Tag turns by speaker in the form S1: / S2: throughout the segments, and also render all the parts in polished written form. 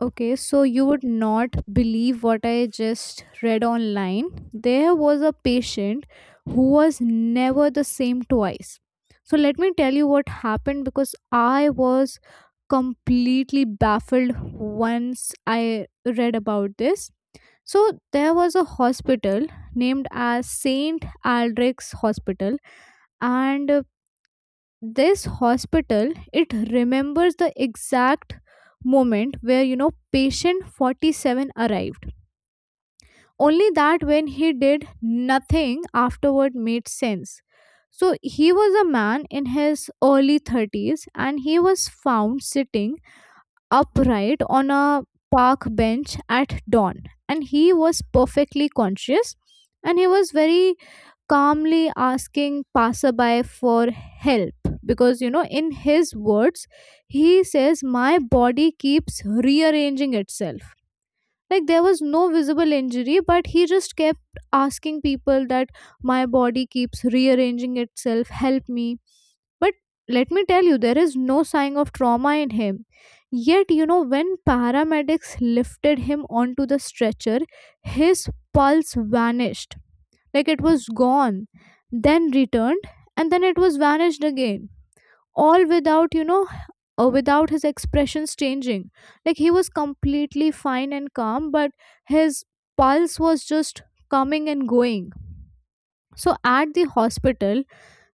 S1: Okay, so you would not believe what I just read online. There was a patient who was never the same twice. So let me tell you what happened because I was completely baffled once I read about this. So there was a hospital named as Saint Aldrich's Hospital, and this hospital, it remembers the exact moment where patient 47 arrived. Only that when he did, nothing afterward made sense. So he was a man in his early 30s, and he was found sitting upright on a park bench at dawn. And he was perfectly conscious, and he was very calmly asking passerby for help, because in his words he says, my body keeps rearranging itself. Like there was no visible injury, but he just kept asking people that my body keeps rearranging itself, help me. But let me tell you, there is no sign of trauma in him. Yet when paramedics lifted him onto the stretcher, his pulse vanished. Like it was gone, then returned, and then it was vanished again, all without or without his expressions changing. Like he was completely fine and calm, but his pulse was just coming and going. So at the hospital,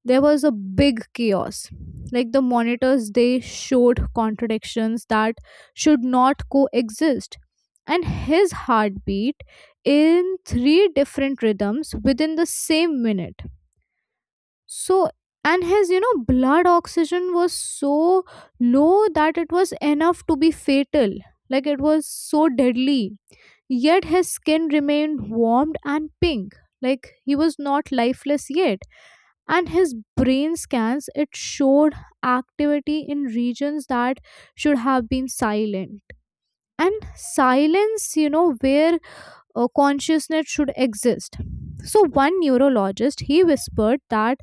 S1: there was a big chaos. Like the monitors, they showed contradictions that should not coexist, and his heartbeat in three different rhythms within the same minute. So, and his, blood oxygen was so low that it was enough to be fatal. Like it was so deadly, yet his skin remained warmed and pink. Like he was not lifeless yet. And his brain scans, it showed activity in regions that should have been silent, and silence where consciousness should exist. So one neurologist, he whispered that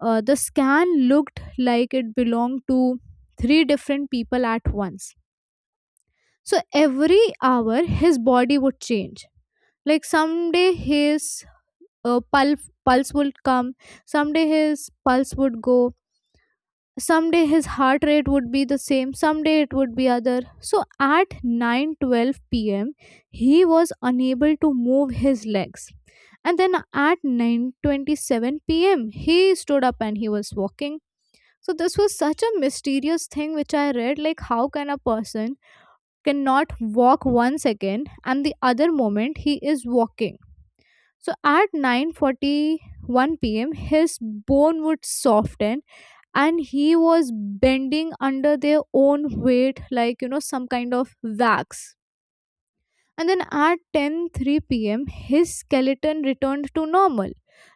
S1: the scan looked like it belonged to three different people at once. So every hour, his body would change. Like someday his pulse would come, someday his pulse would go, someday his heart rate would be the same, someday it would be other. So at 9:12 p.m., he was unable to move his legs. And then at 9:27 p.m., he stood up and he was walking. So this was such a mysterious thing which I read, like how can a person cannot walk 1 second and the other moment he is walking. So at 9:41 p.m. his bone would soften, and he was bending under their own weight, like some kind of wax. And then at ten three p.m., his skeleton returned to normal,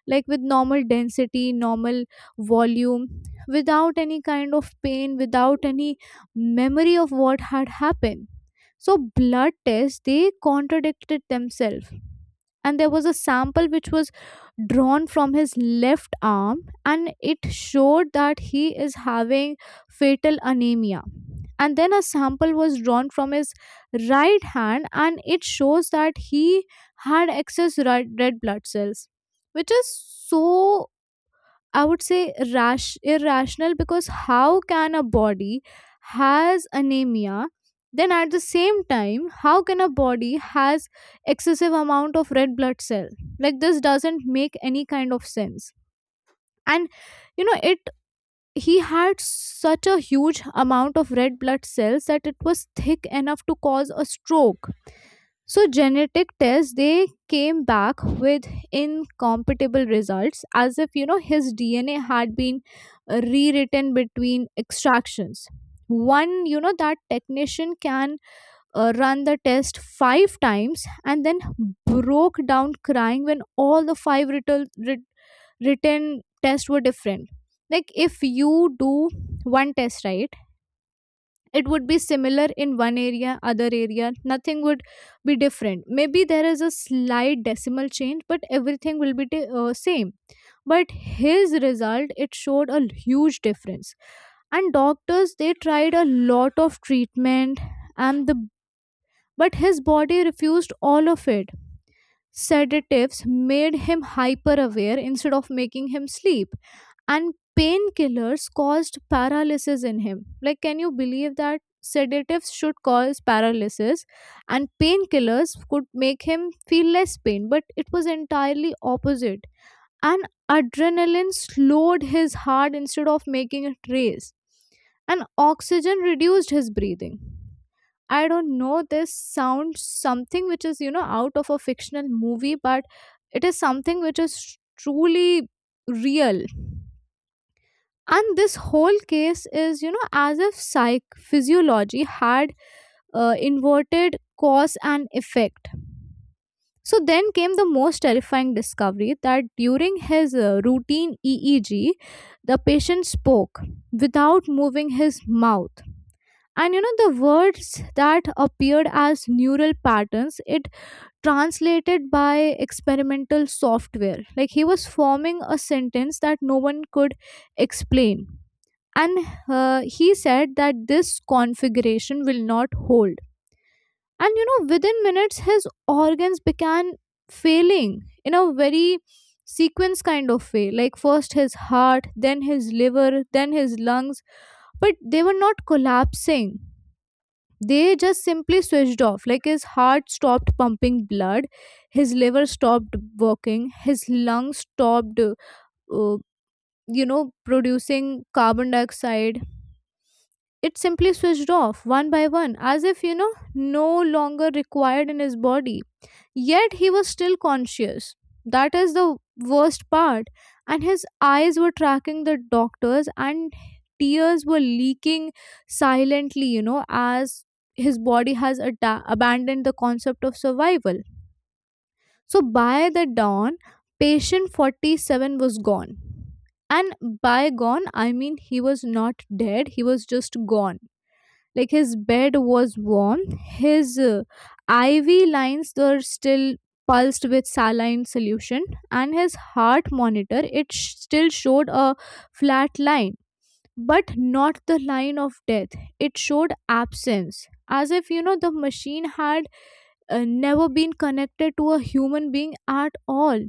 S1: like with normal density, normal volume, without any kind of pain, without any memory of what had happened. So blood tests, they contradicted themselves. And there was a sample which was drawn from his left arm, and it showed that he is having fatal anemia. And then a sample was drawn from his right hand, and it shows that he had excess red blood cells, which is, so I would say rash, irrational, because how can a body has anemia, then at the same time how can a body has excessive amount of red blood cell. Like this doesn't make any kind of sense. And you know it he had such a huge amount of red blood cells that it was thick enough to cause a stroke. So genetic tests, they came back with incompatible results, as if his DNA had been rewritten between extractions. One, that technician can run the test five times and then broke down crying when all the five written tests were different. Like, if you do one test right, it would be similar in one area, other area nothing would be different. Maybe there is a slight decimal change, but everything will be same. But his result, it showed a huge difference. And doctors, they tried a lot of treatment, and the but his body refused all of it. Sedatives made him hyper aware instead of making him sleep, and painkillers caused paralysis in him. Like, can you believe that sedatives should cause paralysis, and painkillers could make him feel less pain, but it was entirely opposite. And adrenaline slowed his heart instead of making it race, and oxygen reduced his breathing. I don't know, this sounds something which is, out of a fictional movie, but it is something which is truly real. And this whole case is, as if psych physiology had inverted cause and effect. So then came the most terrifying discovery that during his routine EEG, the patient spoke without moving his mouth, and the words that appeared as neural patterns, it translated by experimental software. Like he was forming a sentence that no one could explain. And he said that this configuration will not hold. And within minutes, his organs began failing in a very sequence kind of way. Like first his heart, then his liver, then his lungs, but they were not collapsing, they just simply switched off. Like his heart stopped pumping blood, his liver stopped working, his lungs stopped uh, producing carbon dioxide. It simply switched off one by one, as if no longer required in his body. Yet he was still conscious. That is the worst part. And his eyes were tracking the doctor's, and tears were leaking silently, as his body has abandoned the concept of survival. So by the dawn, patient 47 was gone. And by gone, I mean he was not dead, he was just gone. Like his bed was warm, his ivy lines were still pulsed with saline solution, and his heart monitor, still showed a flat line. But not the line of death, it showed absence, as if the machine had never been connected to a human being at all.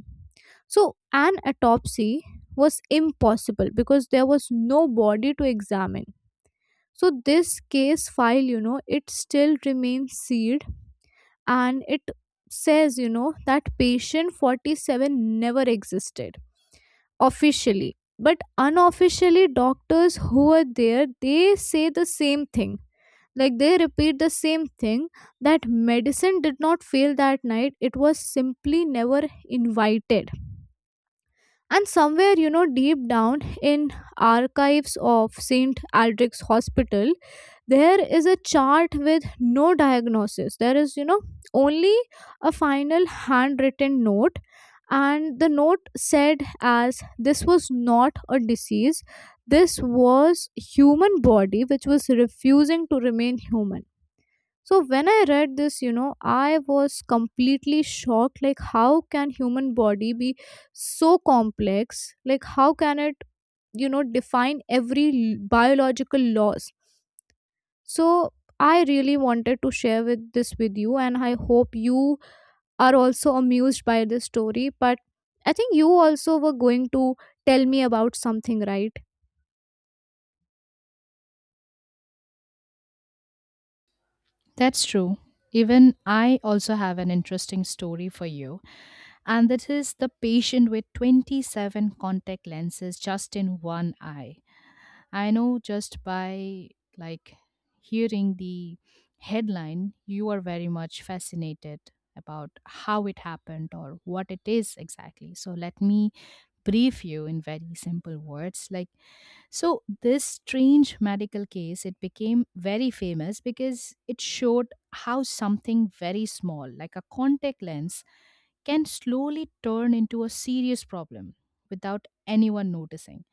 S1: So an autopsy was impossible because there was no body to examine. So this case file, it still remains sealed, and it says, that patient 47 never existed officially. But unofficially, doctors who are there, they say the same thing. Like they repeat the same thing, that medicine did not fail that night. It was simply never invited. And somewhere, deep down in archives of St. Aldrich's Hospital, there is a chart with no diagnosis. There is, only a final handwritten note, and the note said as this was not a disease, this was human body which was refusing to remain human. So when I read this, I was completely shocked. Like how can human body be so complex, like how can it define every biological laws. So I really wanted to share with this with you, and I hope you are also amused by this story. But I think you also were going to tell me about something, right?
S2: That's true. Even I also have an interesting story for you, and that is the patient with 27 contact lenses just in one eye. I know just by like hearing the headline, you are very much fascinated about how it happened or what it is exactly. So let me brief you in very simple words. So this strange medical case it became very famous because it showed how something very small like a contact lens can slowly turn into a serious problem without anyone noticing.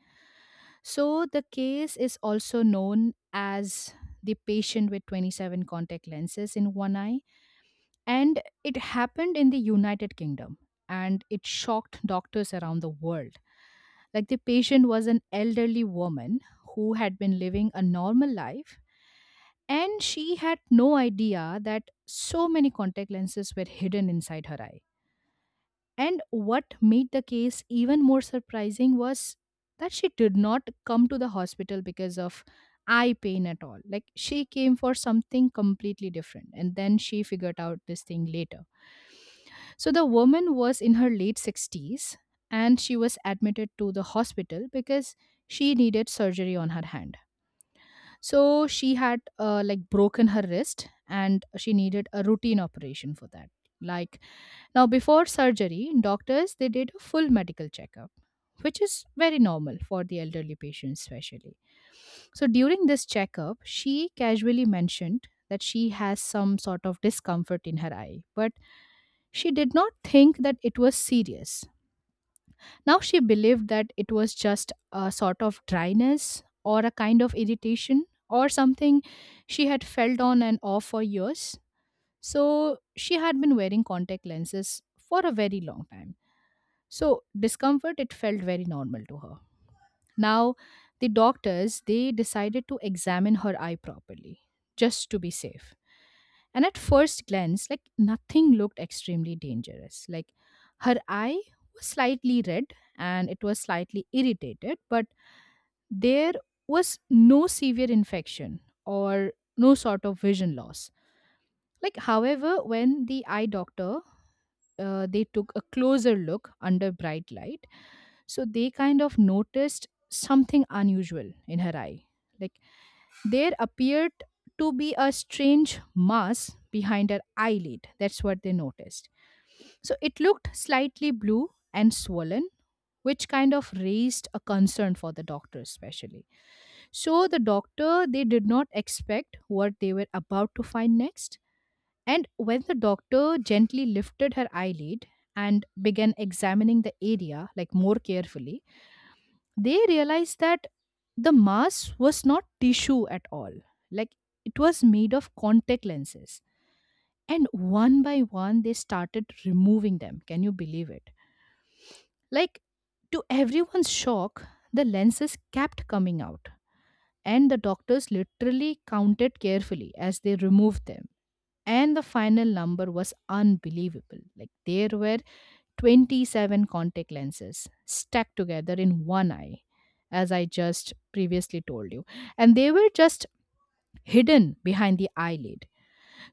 S2: So the case is also known as the patient with 27 contact lenses in one eye, and it happened in the United Kingdom, and it shocked doctors around the world. Like, the patient was an elderly woman who had been living a normal life, and she had no idea that so many contact lenses were hidden inside her eye. And what made the case even more surprising was that she did not come to the hospital because of eye pain at all. Like, she came for something completely different and then she figured out this thing later. So the woman was in her late 60s and she was admitted to the hospital because she needed surgery on her hand. So she had like broken her wrist and she needed a routine operation for that. Like now, before surgery, doctors they did a full medical checkup, which is very normal for the elderly patients, especially. So during this checkup, she casually mentioned that she has some sort of discomfort in her eye, but she did not think that it was serious. Now she believed that it was just a sort of dryness or a kind of irritation or something she had felt on and off for years. So she had been wearing contact lenses for a very long time. So, discomfort, it felt very normal to her. Now, the doctors, they decided to examine her eye properly, just to be safe. And at first glance, like nothing looked extremely dangerous. Like her eye was slightly red and it was slightly irritated, but there was no severe infection or no sort of vision loss. Like, however, when the eye doctor they took a closer look under bright light, so they kind of noticed something unusual in her eye. Like there appeared to be a strange mass behind her eyelid. That's what they noticed. So it looked slightly blue and swollen, which kind of raised a concern for the doctor, especially. So the doctor, they did not expect what they were about to find next. And when the doctor gently lifted her eyelid and began examining the area like more carefully, they realized that the mask was not tissue at all. Like it was made of contact lenses. And one by one, they started removing them. Can you believe it? Like to everyone's shock, the lenses kept coming out. And the doctors literally counted carefully as they removed them. And the final number was unbelievable. Like there were 27 contact lenses stacked together in one eye, as I just previously told you. And they were just hidden behind the eyelid.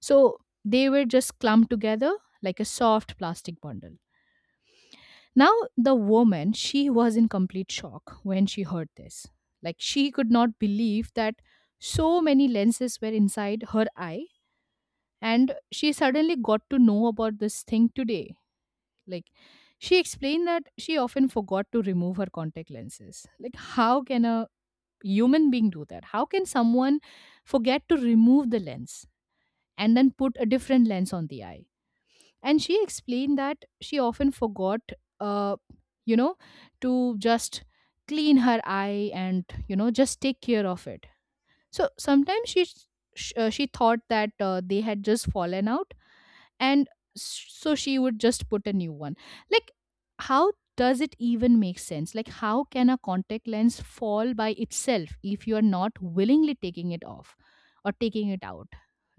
S2: So they were just clumped together like a soft plastic bundle. Now, the woman, she was in complete shock when she heard this. Like, she could not believe that so many lenses were inside her eye, and she suddenly got to know about this thing today. Like, she explained that she often forgot to remove her contact lenses. Like, how can a human being do that? How can someone forget to remove the lens and then put a different lens on the eye? And she explained that she often forgot, uh, you know, to just clean her eye and just take care of it. So sometimes she thought that they had just fallen out and so she would just put a new one. Like how does it even make sense, like how can a contact lens fall by itself if you are not willingly taking it off or taking it out,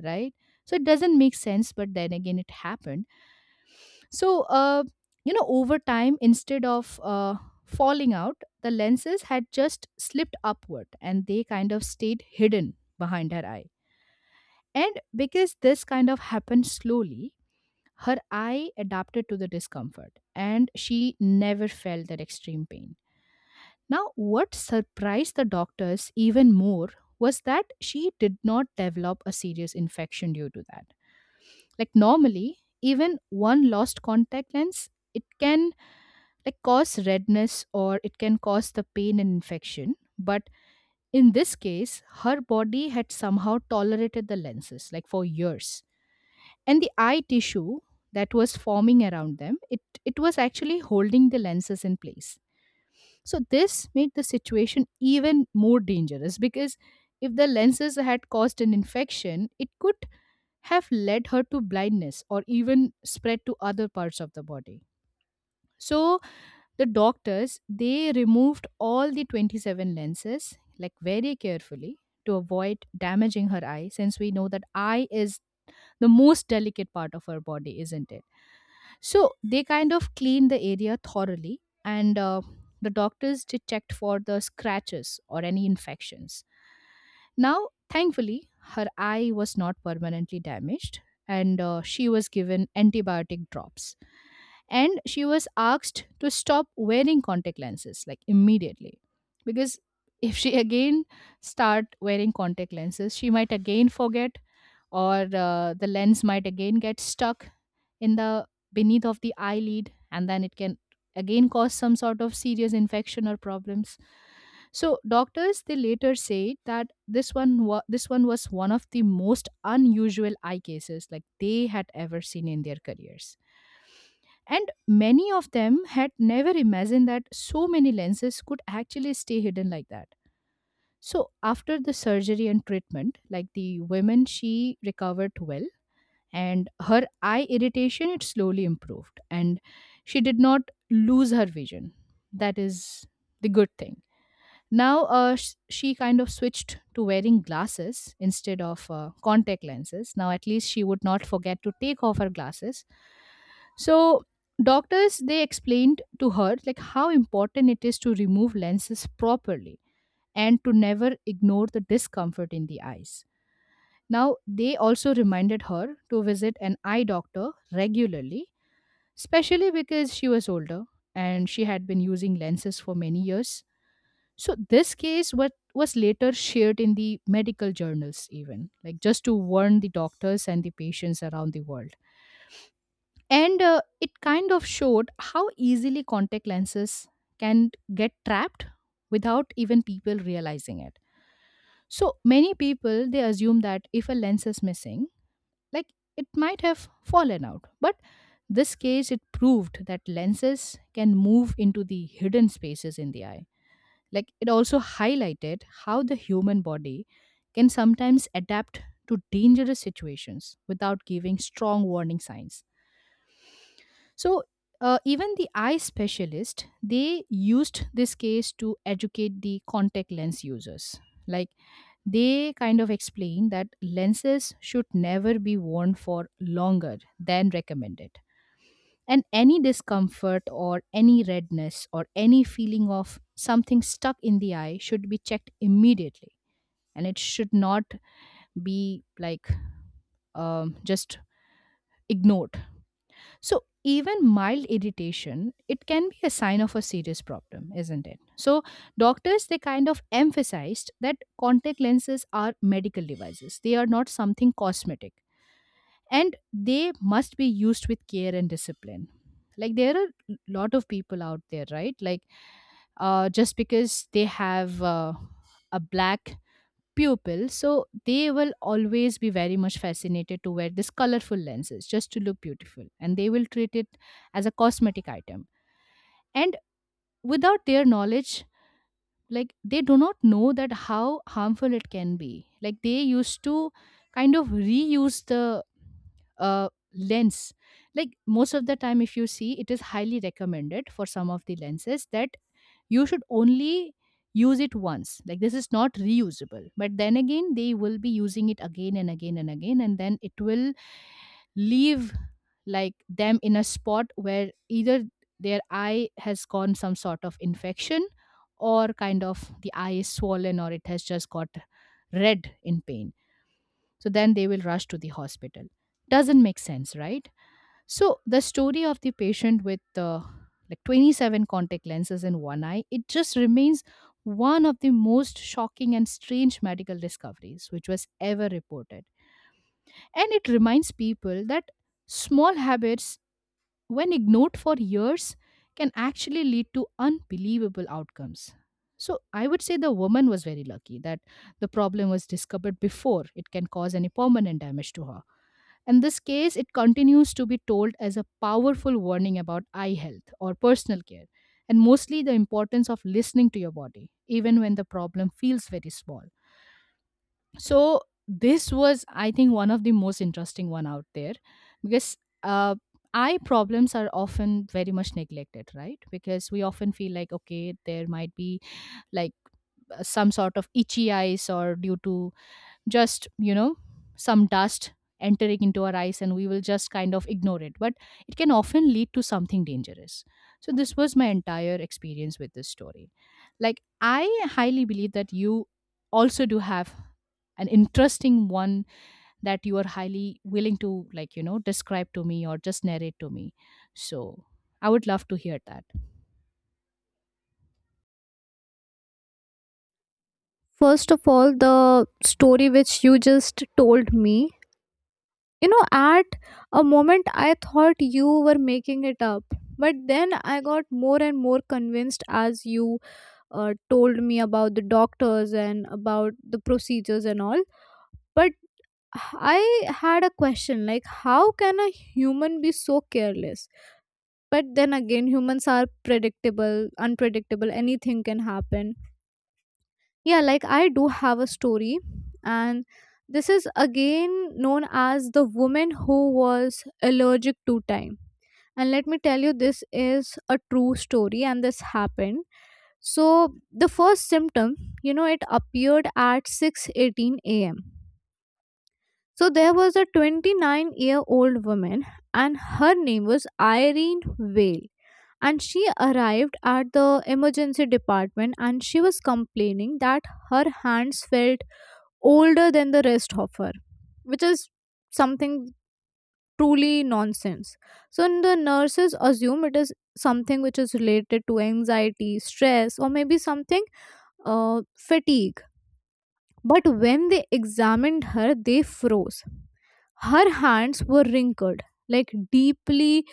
S2: right? So it doesn't make sense, but then again it happened. So over time, instead of falling out, the lenses had just slipped upward and they kind of stayed hidden behind her eye. And because this kind of happened slowly, her eye adapted to the discomfort and she never felt that extreme pain. Now, what surprised the doctors even more was that she did not develop a serious infection due to that. Like, normally, even one lost contact lens, it can like cause redness or it can cause the pain and infection. But in this case, her body had somehow tolerated the lenses like for years, and the eye tissue that was forming around them, it was actually holding the lenses in place. So this made the situation even more dangerous because if the lenses had caused an infection, it could have led her to blindness or even spread to other parts of the body. So the doctors, they removed all the 27 lenses like very carefully to avoid damaging her eye, since we know that eye is the most delicate part of her body, isn't it? So they kind of cleaned the area thoroughly, and the doctors did checked for the scratches or any infections. Now, thankfully, her eye was not permanently damaged, and she was given antibiotic drops. And she was asked to stop wearing contact lenses like immediately, because if she again start wearing contact lenses, she might again forget, or the lens might again get stuck in the beneath of the eyelid, and then it can again cause some sort of serious infection or problems. So doctors, they later said that this one was one of the most unusual eye cases like they had ever seen in their careers, and many of them had never imagined that so many lenses could actually stay hidden like that. So after the surgery and treatment, like the women, she recovered well, and her eye irritation it slowly improved, and she did not lose her vision. That is the good thing. Now she kind of switched to wearing glasses instead of contact lenses. Now at least she would not forget to take off her glasses. So doctors, they explained to her like how important it is to remove lenses properly and to never ignore the discomfort in the eyes. Now, they also reminded her to visit an eye doctor regularly, especially because she was older and she had been using lenses for many years. So, this case was later shared in the medical journals, even like just to warn the doctors and the patients around the world. And it kind of showed how easily contact lenses can get trapped without even people realizing it. So, many people they assume that if a lens is missing, like it might have fallen out, but this case it proved that lenses can move into the hidden spaces in the eye. Like it also highlighted how the human body can sometimes adapt to dangerous situations without giving strong warning signs. So even the eye specialist, they used this case to educate the contact lens users. Like they kind of explain that lenses should never be worn for longer than recommended. And any discomfort or any redness or any feeling of something stuck in the eye should be checked immediately. And it should not be like just ignored. So even mild irritation, it can be a sign of a serious problem, isn't it? So doctors they kind of emphasized that contact lenses are medical devices. They are not something cosmetic, and they must be used with care and discipline. Like there are a lot of people out there, right? Like just because they have a black pupil, so they will always be very much fascinated to wear these colorful lenses just to look beautiful and they will treat it as a cosmetic item. And without their knowledge, like they do not know that how harmful it can be. Like they used to kind of reuse the lens. Like most of the time, if you see, it is highly recommended for some of the lenses that you should only use it once, like this is not reusable, but then again they will be using it again and again and again, and then it will leave like them in a spot where either their eye has gone some sort of infection or kind of the eye is swollen or it has just got red in pain. So then they will rush to the hospital. Doesn't make sense, right? So the story of the patient with like 27 contact lenses in one eye, it just remains one of the most shocking and strange medical discoveries which was ever reported. And it reminds people that small habits when ignored for years, can actually lead to unbelievable outcomes. So, I would say the woman was very lucky that the problem was discovered before it can cause any permanent damage to her. In this case, it continues to be told as a powerful warning about eye health or personal care, and mostly the importance of listening to your body, even when the problem feels very small. So this was, I think, one of the most interesting one out there because uh, eye problems are often very much neglected, right? Because we often feel like okay there might be like some sort of itchy eyes or due to just some dust entering into our eyes and we will just kind of ignore it, but it can often lead to something dangerous. So this was my entire experience with this story. Like, I highly believe that you also do have an interesting one that you are highly willing to, like, describe to me or just narrate to me. So I would love to hear that.
S1: First of all, the story which you just told me, at a moment I thought you were making it up. But then I got more and more convinced as you told me about the doctors and about the procedures and all. But I had a question like, how can a human be so careless? But then again, humans are predictable, unpredictable, anything can happen. Yeah, like I do have a story, and this is again known as the woman who was allergic to time. And let me tell you, this is a true story, and this happened. So, the first symptom, it appeared at 6:18 a.m. So there was a 29-year-old year old woman, and her name was Irene Vale. And she arrived at the emergency department and she was complaining that her hands felt older than the rest of her, which is something truly nonsense. So the nurses assume it is something which is related to anxiety, stress, or maybe something fatigue. But when they examined her, they froze. Her hands were wrinkled, like deeply,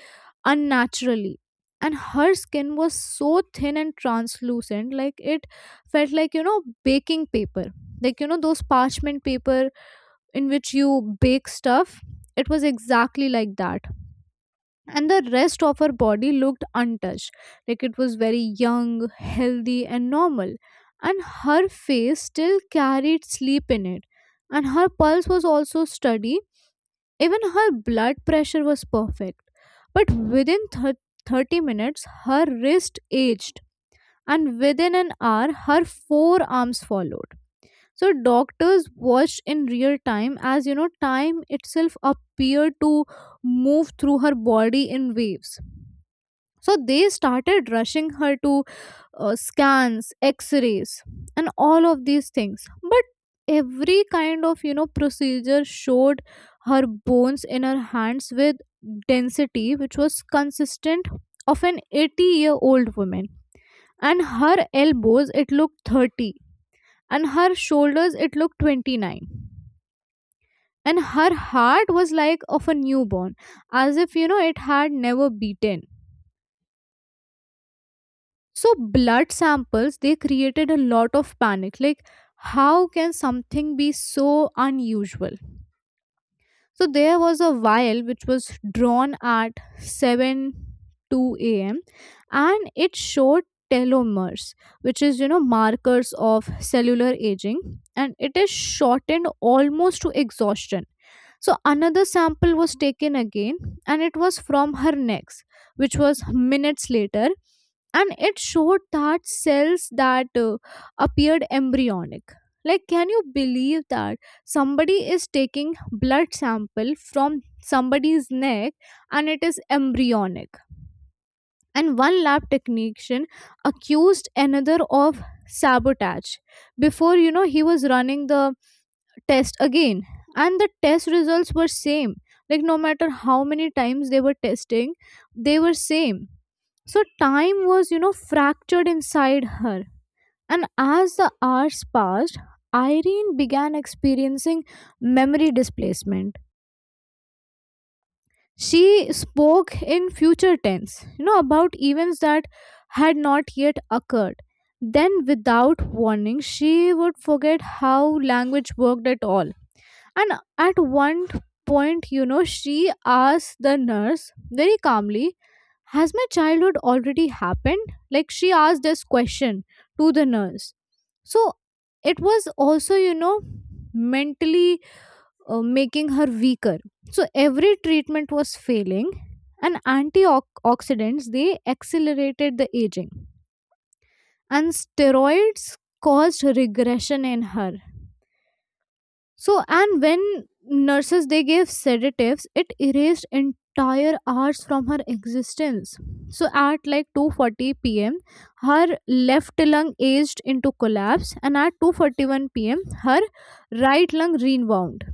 S1: unnaturally. And her skin was so thin and translucent, like it felt like, baking paper. Like, those parchment paper in which you bake stuff. It was exactly like that. And the rest of her body looked untouched. Like it was very young, healthy, and normal. And her face still carried sleep in it. And her pulse was also steady, even her blood pressure was perfect. But within 30 minutes, her wrist aged, and within an hour, her forearms followed. So, doctors watched in real time as, time itself appeared to move through her body in waves. So, they started rushing her to scans, x-rays, and all of these things, but every kind of procedure showed her bones in her hands with density which was consistent of an 80-year-old woman, and her elbows it looked 30, and her shoulders it looked 29, and her heart was like of a newborn, as if it had never beaten. So blood samples, they created a lot of panic. Like, how can something be so unusual? So there was a vial which was drawn at 7 2 a.m. and it showed telomeres, which is markers of cellular aging, and it is shortened almost to exhaustion. So another sample was taken again, and it was from her necks, which was minutes later, and it showed that cells that appeared embryonic. Like, can you believe that somebody is taking blood sample from somebody's neck and it is embryonic? And one lab technician accused another of sabotage before he was running the test again, and the test results were same. Like, no matter how many times they were testing, they were same. So time was, fractured inside her. And as the hours passed, Irene began experiencing memory displacement. She spoke in future tense, about events that had not yet occurred. Then, without warning, she would forget how language worked at all. And at one point, she asked the nurse very calmly, has my childhood already happened? Like she asked this question to the nurse. So it was also mentally making her weaker. So every treatment was failing, and antioxidants, they accelerated the aging, and steroids caused regression in her. So, and when nurses they gave sedatives, it erased entire hours from her existence. So, at like 2:40 p.m., her left lung aged into collapse, and at 2:41 p.m., her right lung rebound.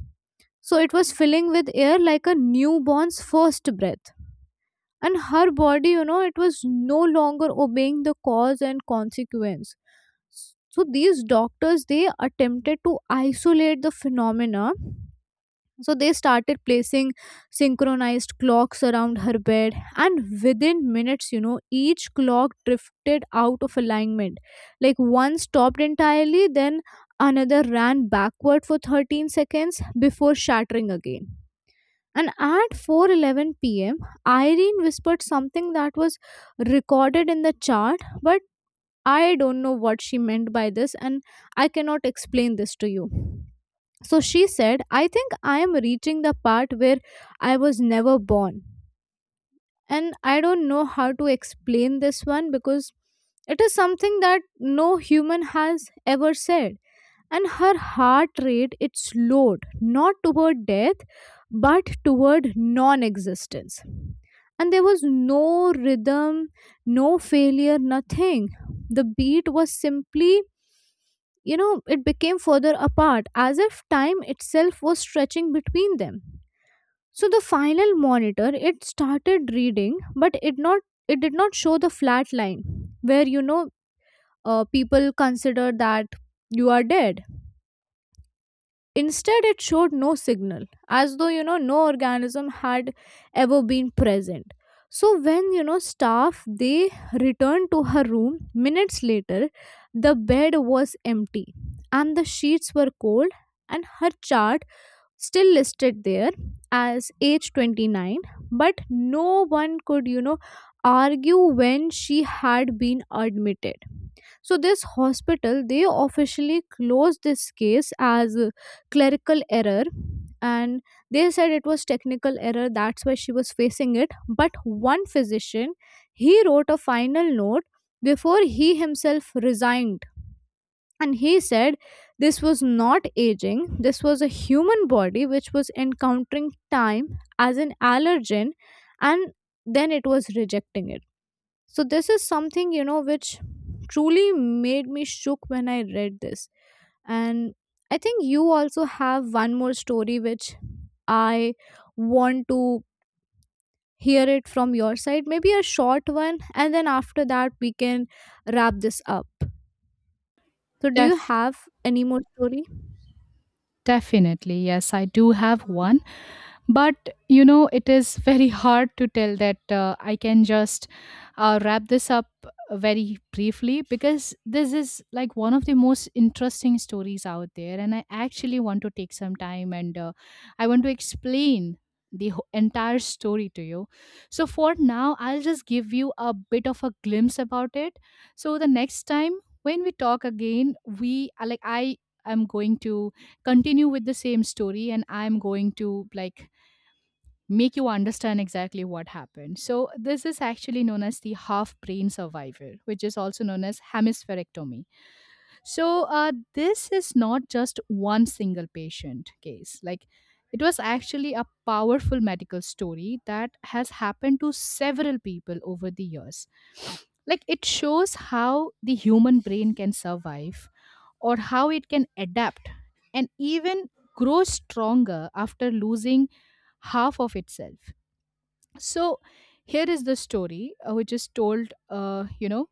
S1: So, it was filling with air like a newborn's first breath. And her body, it was no longer obeying the cause and consequence. So, these doctors they attempted to isolate the phenomena, so they started placing synchronized clocks around her bed, and within minutes, each clock drifted out of alignment. Like, one stopped entirely, then another ran backward for 13 seconds before shattering again. And at 4:11 p.m., Irene whispered something that was recorded in the chart, but I don't know what she meant by this, and I cannot explain this to you. So she said, I think I am reaching the part where I was never born. And I don't know how to explain this one, because it is something that no human has ever said. And her heart rate, it slowed, not toward death, but toward non existence. And there was no rhythm, no failure, nothing. The beat was simply, it became further apart, as if time itself was stretching between them. So the final monitor, it started reading, but it not, it did not show the flat line where people consider that you are dead. Instead, it showed no signal, as though, no organism had ever been present. So when, staff, they returned to her room minutes later, the bed was empty, and the sheets were cold, and her chart still listed there as age 29, but no one could argue when she had been admitted. So this hospital, they officially closed this case as a clerical error, and they said it was technical error, that's why she was facing it. But one physician, he wrote a final note before he himself resigned, and he said this was not aging, this was a human body which was encountering time as an allergen, and then it was rejecting it. So this is something which truly made me shook when I read this. And I think you also have one more story which I want to hear it from your side. Maybe a short one, and then after that we can wrap this up. So do you
S2: Def-
S1: have any more story?
S2: Definitely, yes, I do have one, but you know it is very hard to tell that I can just wrap this up very briefly, because this is like one of the most interesting stories out there and I actually want to take some time, and I want to explain the entire story to you. So for now I'll just give you a bit of a glimpse about it. So the next time when we talk again, we I am going to continue with the same story, and I'm going to, like, make you understand exactly what happened. So, this is actually known as the half brain survivor, which is also known as hemispherectomy. So, this is not just one single patient case. Like, it was actually a powerful medical story that has happened to several people over the years. Like, it shows how the human brain can survive or how it can adapt and even grow stronger after losing half of itself. So here is the story, which is told, uh, you know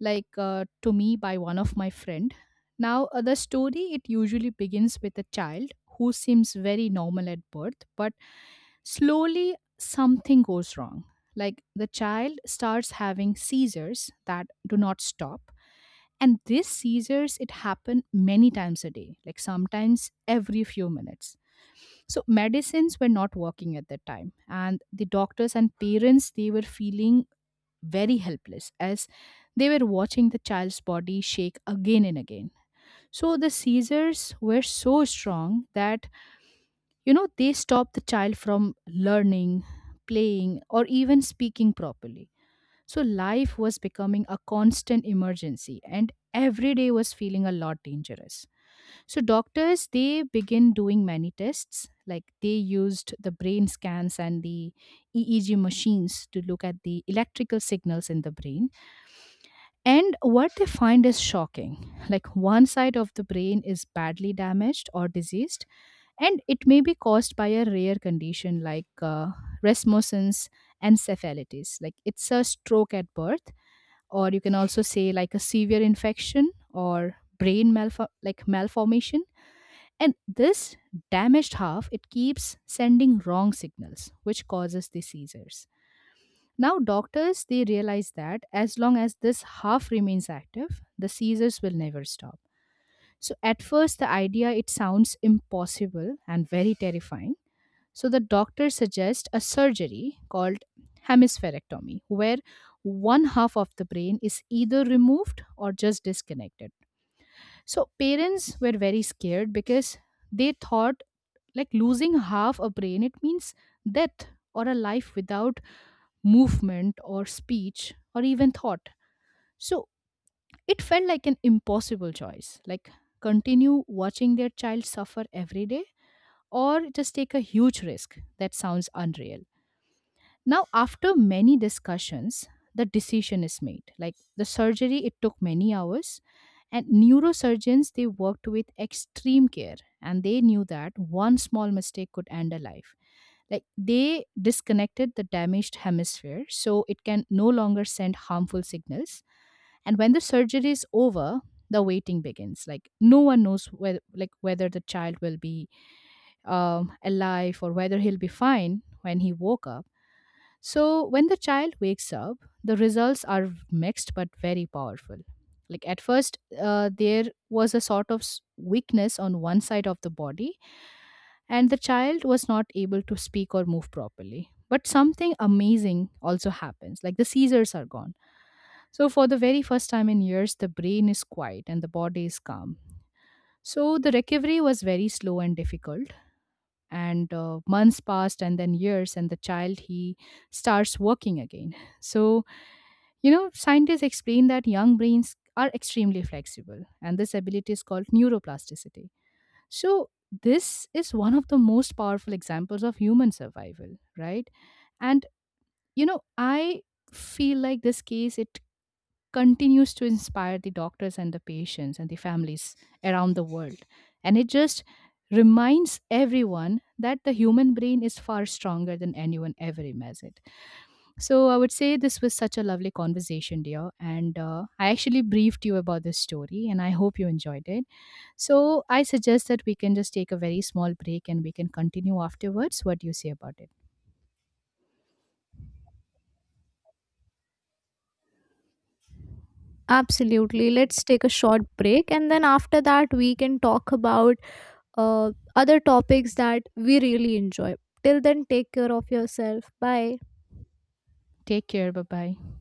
S2: like uh, to me by one of my friend. Now the story, it usually begins with a child who seems very normal at birth, but slowly something goes wrong. Like the child starts having seizures that do not stop, and these seizures, it happened many times a day, like sometimes every few minutes. So medicines were not working at that time. And the doctors and parents, they were feeling very helpless as they were watching the child's body shake again and again. So the seizures were so strong that, you know, they stopped the child from learning, playing, or even speaking properly. So life was becoming a constant emergency and every day was feeling a lot dangerous. So doctors, they begin doing many tests, like they used the brain scans and the EEG machines to look at the electrical signals in the brain, and what they find is shocking. Like one side of the brain is badly damaged or diseased, and it may be caused by a rare condition like Rasmussen's encephalitis, like it's a stroke at birth, or you can also say like a severe infection or brain like malformation. And this damaged half, it keeps sending wrong signals which causes the seizures. Now doctors, they realize that as long as this half remains active, the seizures will never stop. So at first the idea, it sounds impossible and very terrifying. So the doctor suggests a surgery called hemispherectomy, where one half of the brain is either removed or just disconnected. So parents were very scared because they thought like losing half a brain it means death or a life without movement or speech or even thought. So it felt like an impossible choice, like continue watching their child suffer every day or just take a huge risk that sounds unreal. Now, after many discussions, the decision is made. Like the surgery, it took many hours, and neurosurgeons they worked with extreme care, and they knew that one small mistake could end a life. Like they disconnected the damaged hemisphere, so it can no longer send harmful signals. And when the surgery is over, the waiting begins. Like no one knows whether, like whether the child will be alive or whether he'll be fine when he woke up. So, when the child wakes up, the results are mixed but very powerful. Like at first, there was a sort of weakness on one side of the body, and the child was not able to speak or move properly. But something amazing also happens, like the seizures are gone. So, for the very first time in years, the brain is quiet and the body is calm. So, the recovery was very slow and difficult, and months passed and then years, and the child, he starts working again. So, you know, scientists explain that young brains are extremely flexible, and this ability is called neuroplasticity. So this is one of the most powerful examples of human survival, right? And you know, I feel like this case, it continues to inspire the doctors and the patients and the families around the world. And it just reminds everyone that the human brain is far stronger than anyone ever imagined. So I would say this was such a lovely conversation, dear. And I actually briefed you about this story, and I hope you enjoyed it. So I suggest that we can just take a very small break and we can continue afterwards. What do you say about it?
S1: Absolutely. Let's take a short break, and then after that we can talk about other topics that we really enjoy. Till then, take care of yourself. Bye.
S2: Take care. Bye bye.